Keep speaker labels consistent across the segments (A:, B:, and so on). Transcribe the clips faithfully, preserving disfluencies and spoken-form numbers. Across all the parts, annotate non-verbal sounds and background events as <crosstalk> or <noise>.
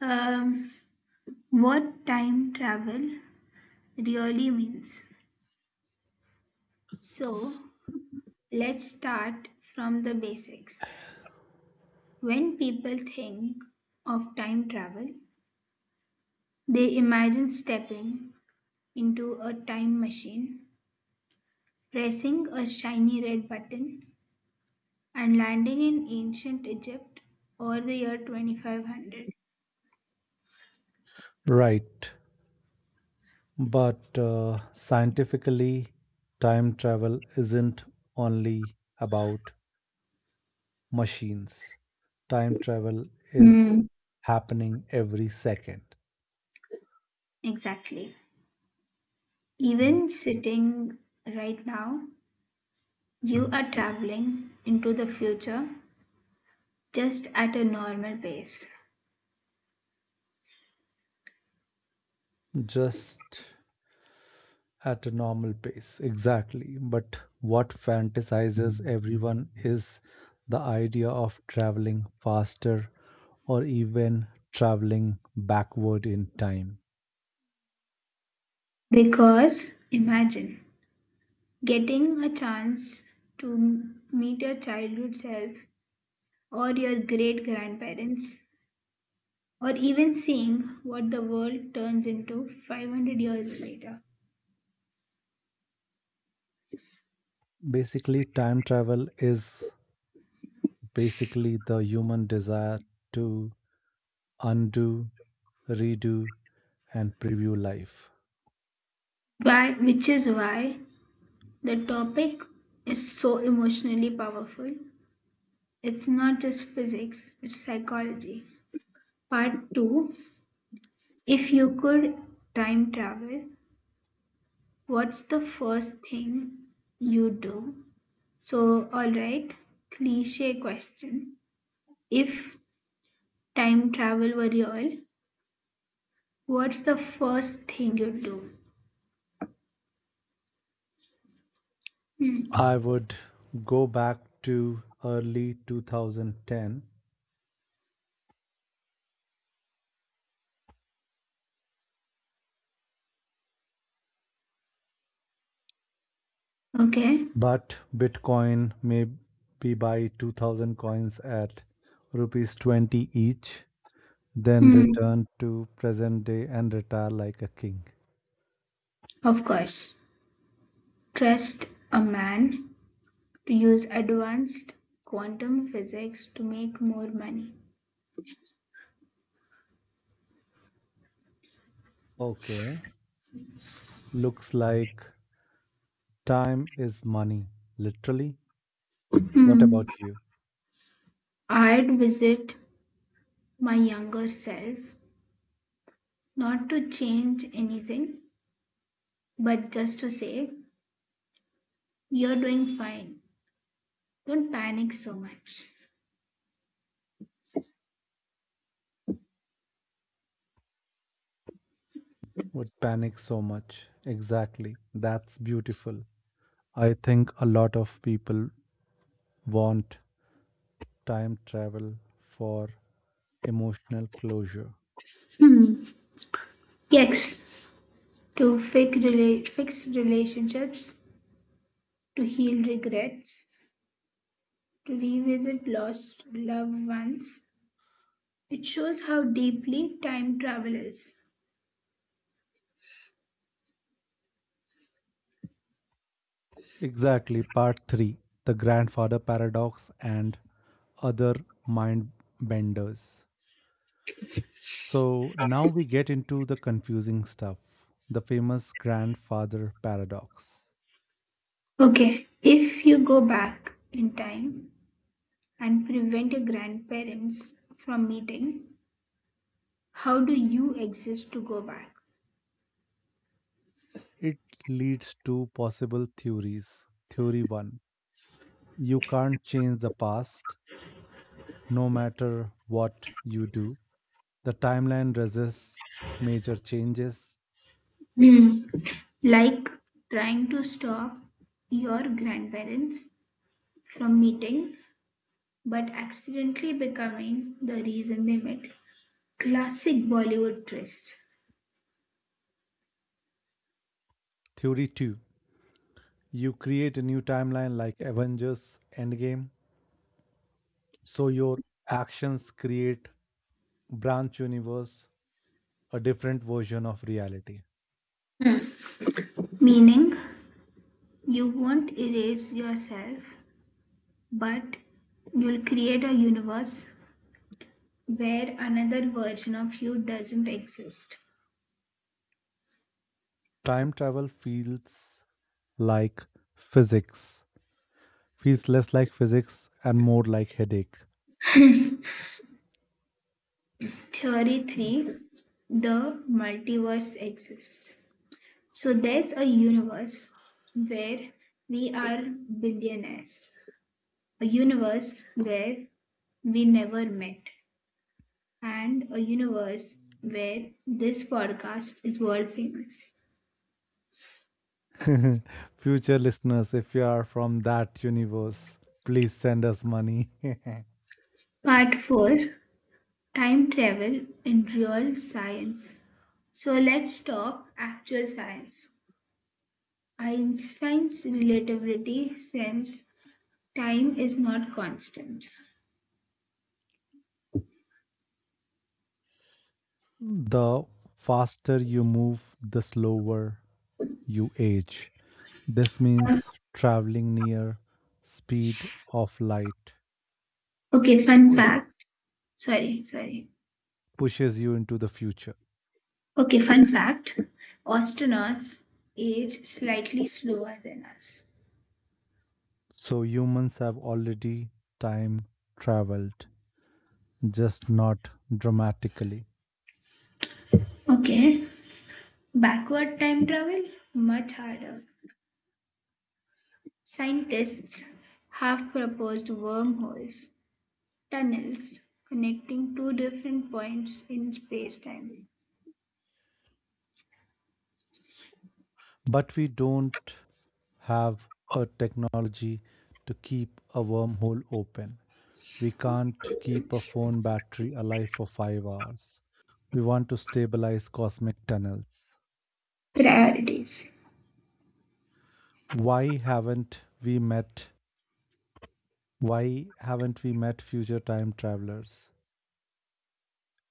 A: um, what time travel really means. So, let's start from the basics. When people think of time travel, they imagine stepping into a time machine, pressing a shiny red button, and landing in ancient Egypt or the year twenty five hundred.
B: Right. But uh, scientifically, time travel isn't only about machines. Time travel is
A: Hmm.
B: happening every second,
A: Exactly. Even sitting right now, you are traveling into the future just at a normal pace.
B: just at a normal pace. Exactly. But what fantasizes everyone is the idea of traveling faster or even traveling backward in time.
A: Because imagine getting a chance to m- meet your childhood self or your great grandparents, or even seeing what the world turns into five hundred years later.
B: Basically, time travel is basically the human desire to undo, redo, and preview life.
A: Why, which is why the topic is so emotionally powerful. It's not just physics, it's psychology. Part two. If you could time travel, what's the first thing you do? So, all right, cliche question. If time travel were real, what's the first thing you'd do? Hmm.
B: I would go back to early two thousand ten,
A: Okay.
B: but Bitcoin may be buy two thousand coins at rupees twenty each, then
A: Hmm.
B: return to present day and retire like a king.
A: Of course. Trust a man to use advanced quantum physics to make more money.
B: Okay, looks like time is money, literally. What
A: Hmm.
B: about you?
A: I'd visit my younger self, not to change anything, but just to say, you're doing fine. Don't panic so much.
B: Would panic so much. Exactly. That's beautiful. I think a lot of people want time travel for emotional closure.
A: Hmm. Yes, to fix, rela- fix relationships, to heal regrets, to revisit lost loved ones. It shows how deeply time travel is.
B: Exactly. Part three, the Grandfather Paradox and Other Mind Benders. So now we get into the confusing stuff, the famous grandfather paradox.
A: Okay, if you go back in time and prevent your grandparents from meeting, how do you exist to go back?
B: It leads to possible theories. Theory one, you can't change the past. No matter what you do, the timeline resists major changes.
A: Hmm. Like trying to stop your grandparents from meeting but accidentally becoming the reason they met. Classic Bollywood twist.
B: Theory two, you create a new timeline like Avengers Endgame, so your actions create branch universe, a different version of reality.
A: Meaning, you won't erase yourself, but you'll create a universe where another version of you doesn't exist.
B: Time travel feels like physics, feels less like physics and more like headache.
A: Theory three. The multiverse exists. So, there's a universe where we are billionaires, a universe where we never met, and a universe where this podcast is world famous.
B: <laughs> Future listeners, if you are from that universe, please send us money. <laughs>
A: Part four. Time travel in real science. So let's talk actual science. Einstein's relativity says time is not constant.
B: The faster you move, the slower you age. This means traveling near speed of light
A: Okay, fun
B: push,
A: fact. Sorry, sorry.
B: pushes you into the future.
A: Okay, fun fact. Astronauts age slightly slower than us.
B: So humans have already time traveled, just not dramatically.
A: Okay, backward time travel much harder. Scientists have proposed wormholes, tunnels connecting two different points in spacetime.
B: But we don't have a technology to keep a wormhole open. We can't keep a phone battery alive for five hours. We want to stabilize cosmic tunnels.
A: Priorities.
B: Why haven't we met? Why haven't we met future time travelers?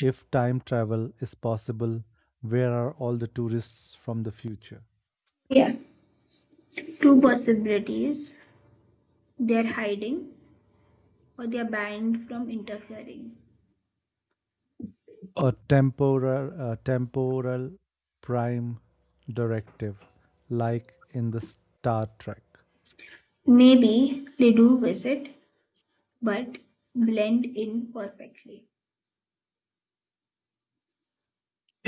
B: If time travel is possible, where are all the tourists from the future?
A: Yeah, two possibilities. They're hiding or they're banned from interfering.
B: A temporal, a temporal prime directive, like in the Star Trek.
A: Maybe they do visit, but blend in perfectly.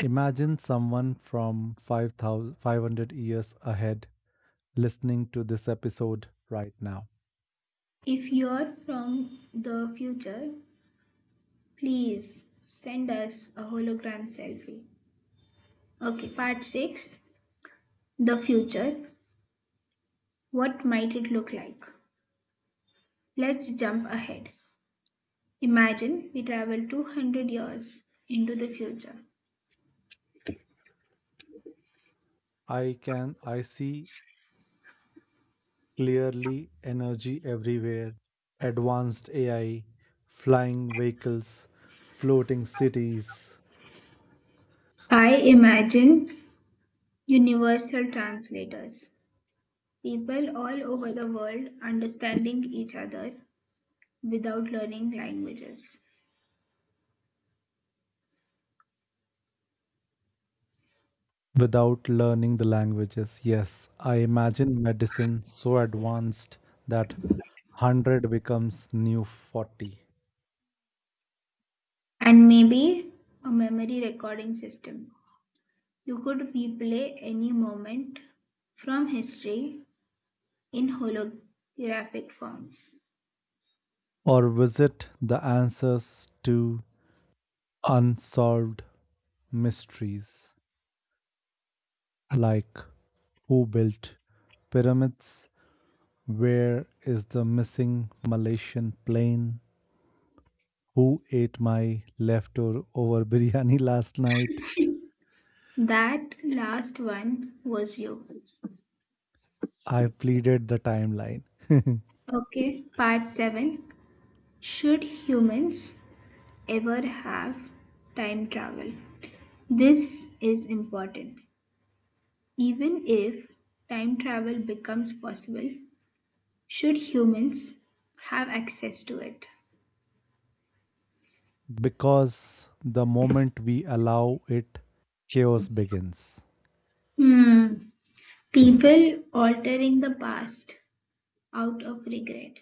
B: Imagine someone from five thousand five hundred years ahead listening to this episode right now.
A: If you're from the future, please send us a hologram selfie. Okay, part six. The future. What might it look like? Let's jump ahead. Imagine we travel two hundred years into the future.
B: I can I see clearly energy everywhere, advanced A I, flying vehicles, floating cities
A: I imagine universal translators, people all over the world understanding each other without learning languages,
B: without learning the languages. Yes, I imagine medicine so advanced that one hundred becomes new forty,
A: and maybe a memory recording system. You could replay any moment from history in holographic form.
B: or visit the answers to unsolved mysteries like who built pyramids. Where is the missing Malaysian plane? Who ate my leftover biryani <laughs> last night?
A: That last one was you.
B: I pleaded the timeline. <laughs>
A: Okay, part seven. Should humans ever have time travel? This is important. Even if time travel becomes possible, should humans have access to it?
B: Because the moment we allow it, chaos begins.
A: Hmm. People altering the past out of regret,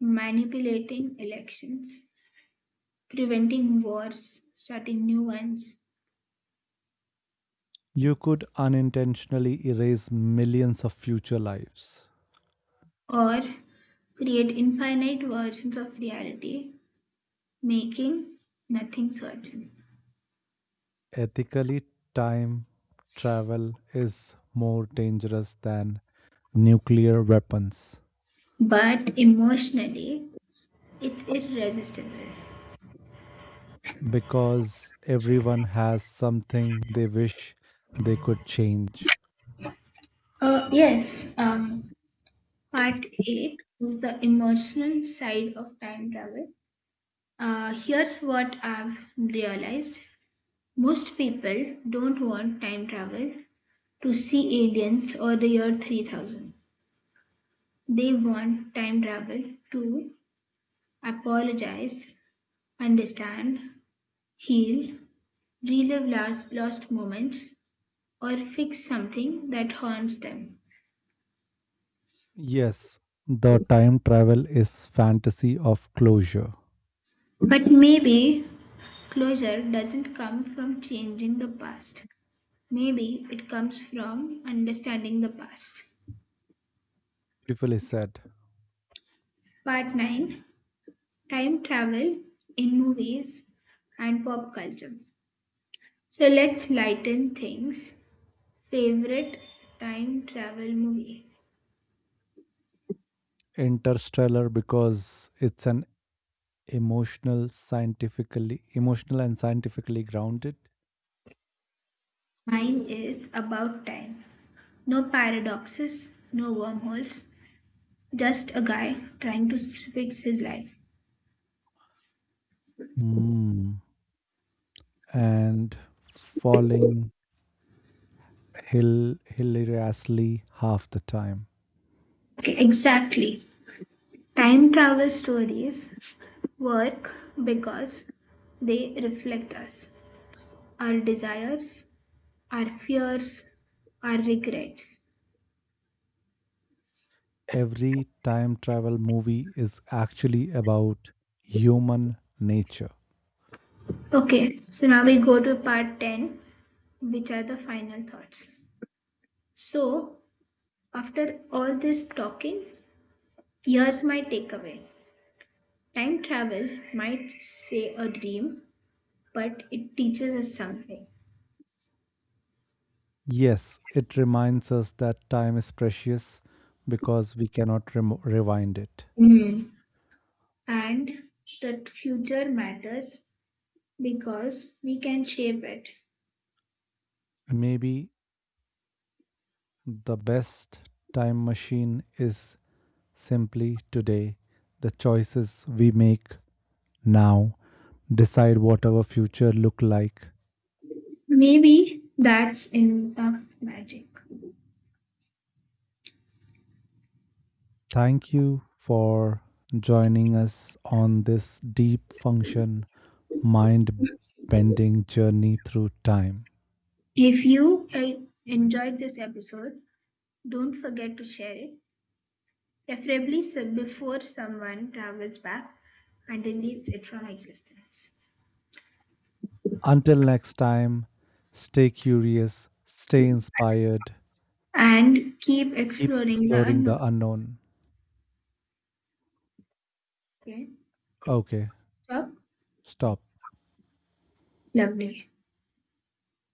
A: manipulating elections, preventing wars, starting new ones,
B: You could unintentionally erase millions of future lives.
A: or create infinite versions of reality making nothing certain.
B: Ethically, time travel is more dangerous than nuclear weapons.
A: But emotionally, it's irresistible.
B: Because everyone has something they wish they could change.
A: Uh, yes, um, part eight is the emotional side of time travel. Uh, here's what I've realized most people don't want time travel to see aliens or the year three thousand. They want time travel to apologize, understand, heal, relive last, lost moments, or fix something that harms them.
B: Yes, the time travel is fantasy of closure.
A: But maybe closure doesn't come from changing the past. Maybe it comes from understanding the past.
B: Beautifully said.
A: Part nine. Time travel in movies and pop culture. So let's lighten things. Favorite time travel movie?
B: Interstellar, because it's an emotional, scientifically emotional and scientifically grounded.
A: Mine is About Time. No paradoxes, no wormholes, just a guy trying to s- fix his life.
B: Mm. And falling hill hilariously half the time.
A: Okay, exactly. Time travel stories work because they reflect us, our desires, our fears, our regrets.
B: Every time travel movie is actually about human nature.
A: Okay, so now we go to part ten, which are the final thoughts. So, after all this talking, here's my takeaway. Time travel might say a dream, but it teaches us something.
B: Yes, it reminds us that time is precious because we cannot remo rewind it.
A: Hmm. And that future matters because we can shape it.
B: Maybe the best time machine is simply today. The choices we make now decide what our future look like.
A: Maybe that's enough magic.
B: Thank you for joining us on this deep function mind bending journey through time.
A: If you uh, enjoyed this episode, don't forget to share it, preferably so- before someone travels back and deletes it from existence.
B: Until next time, stay curious, stay inspired,
A: And keep
B: keep
A: exploring the
B: exploring the
A: unknown.
B: unknown.
A: Okay?
B: Okay,
A: Stop.
B: stop.
A: Lovely.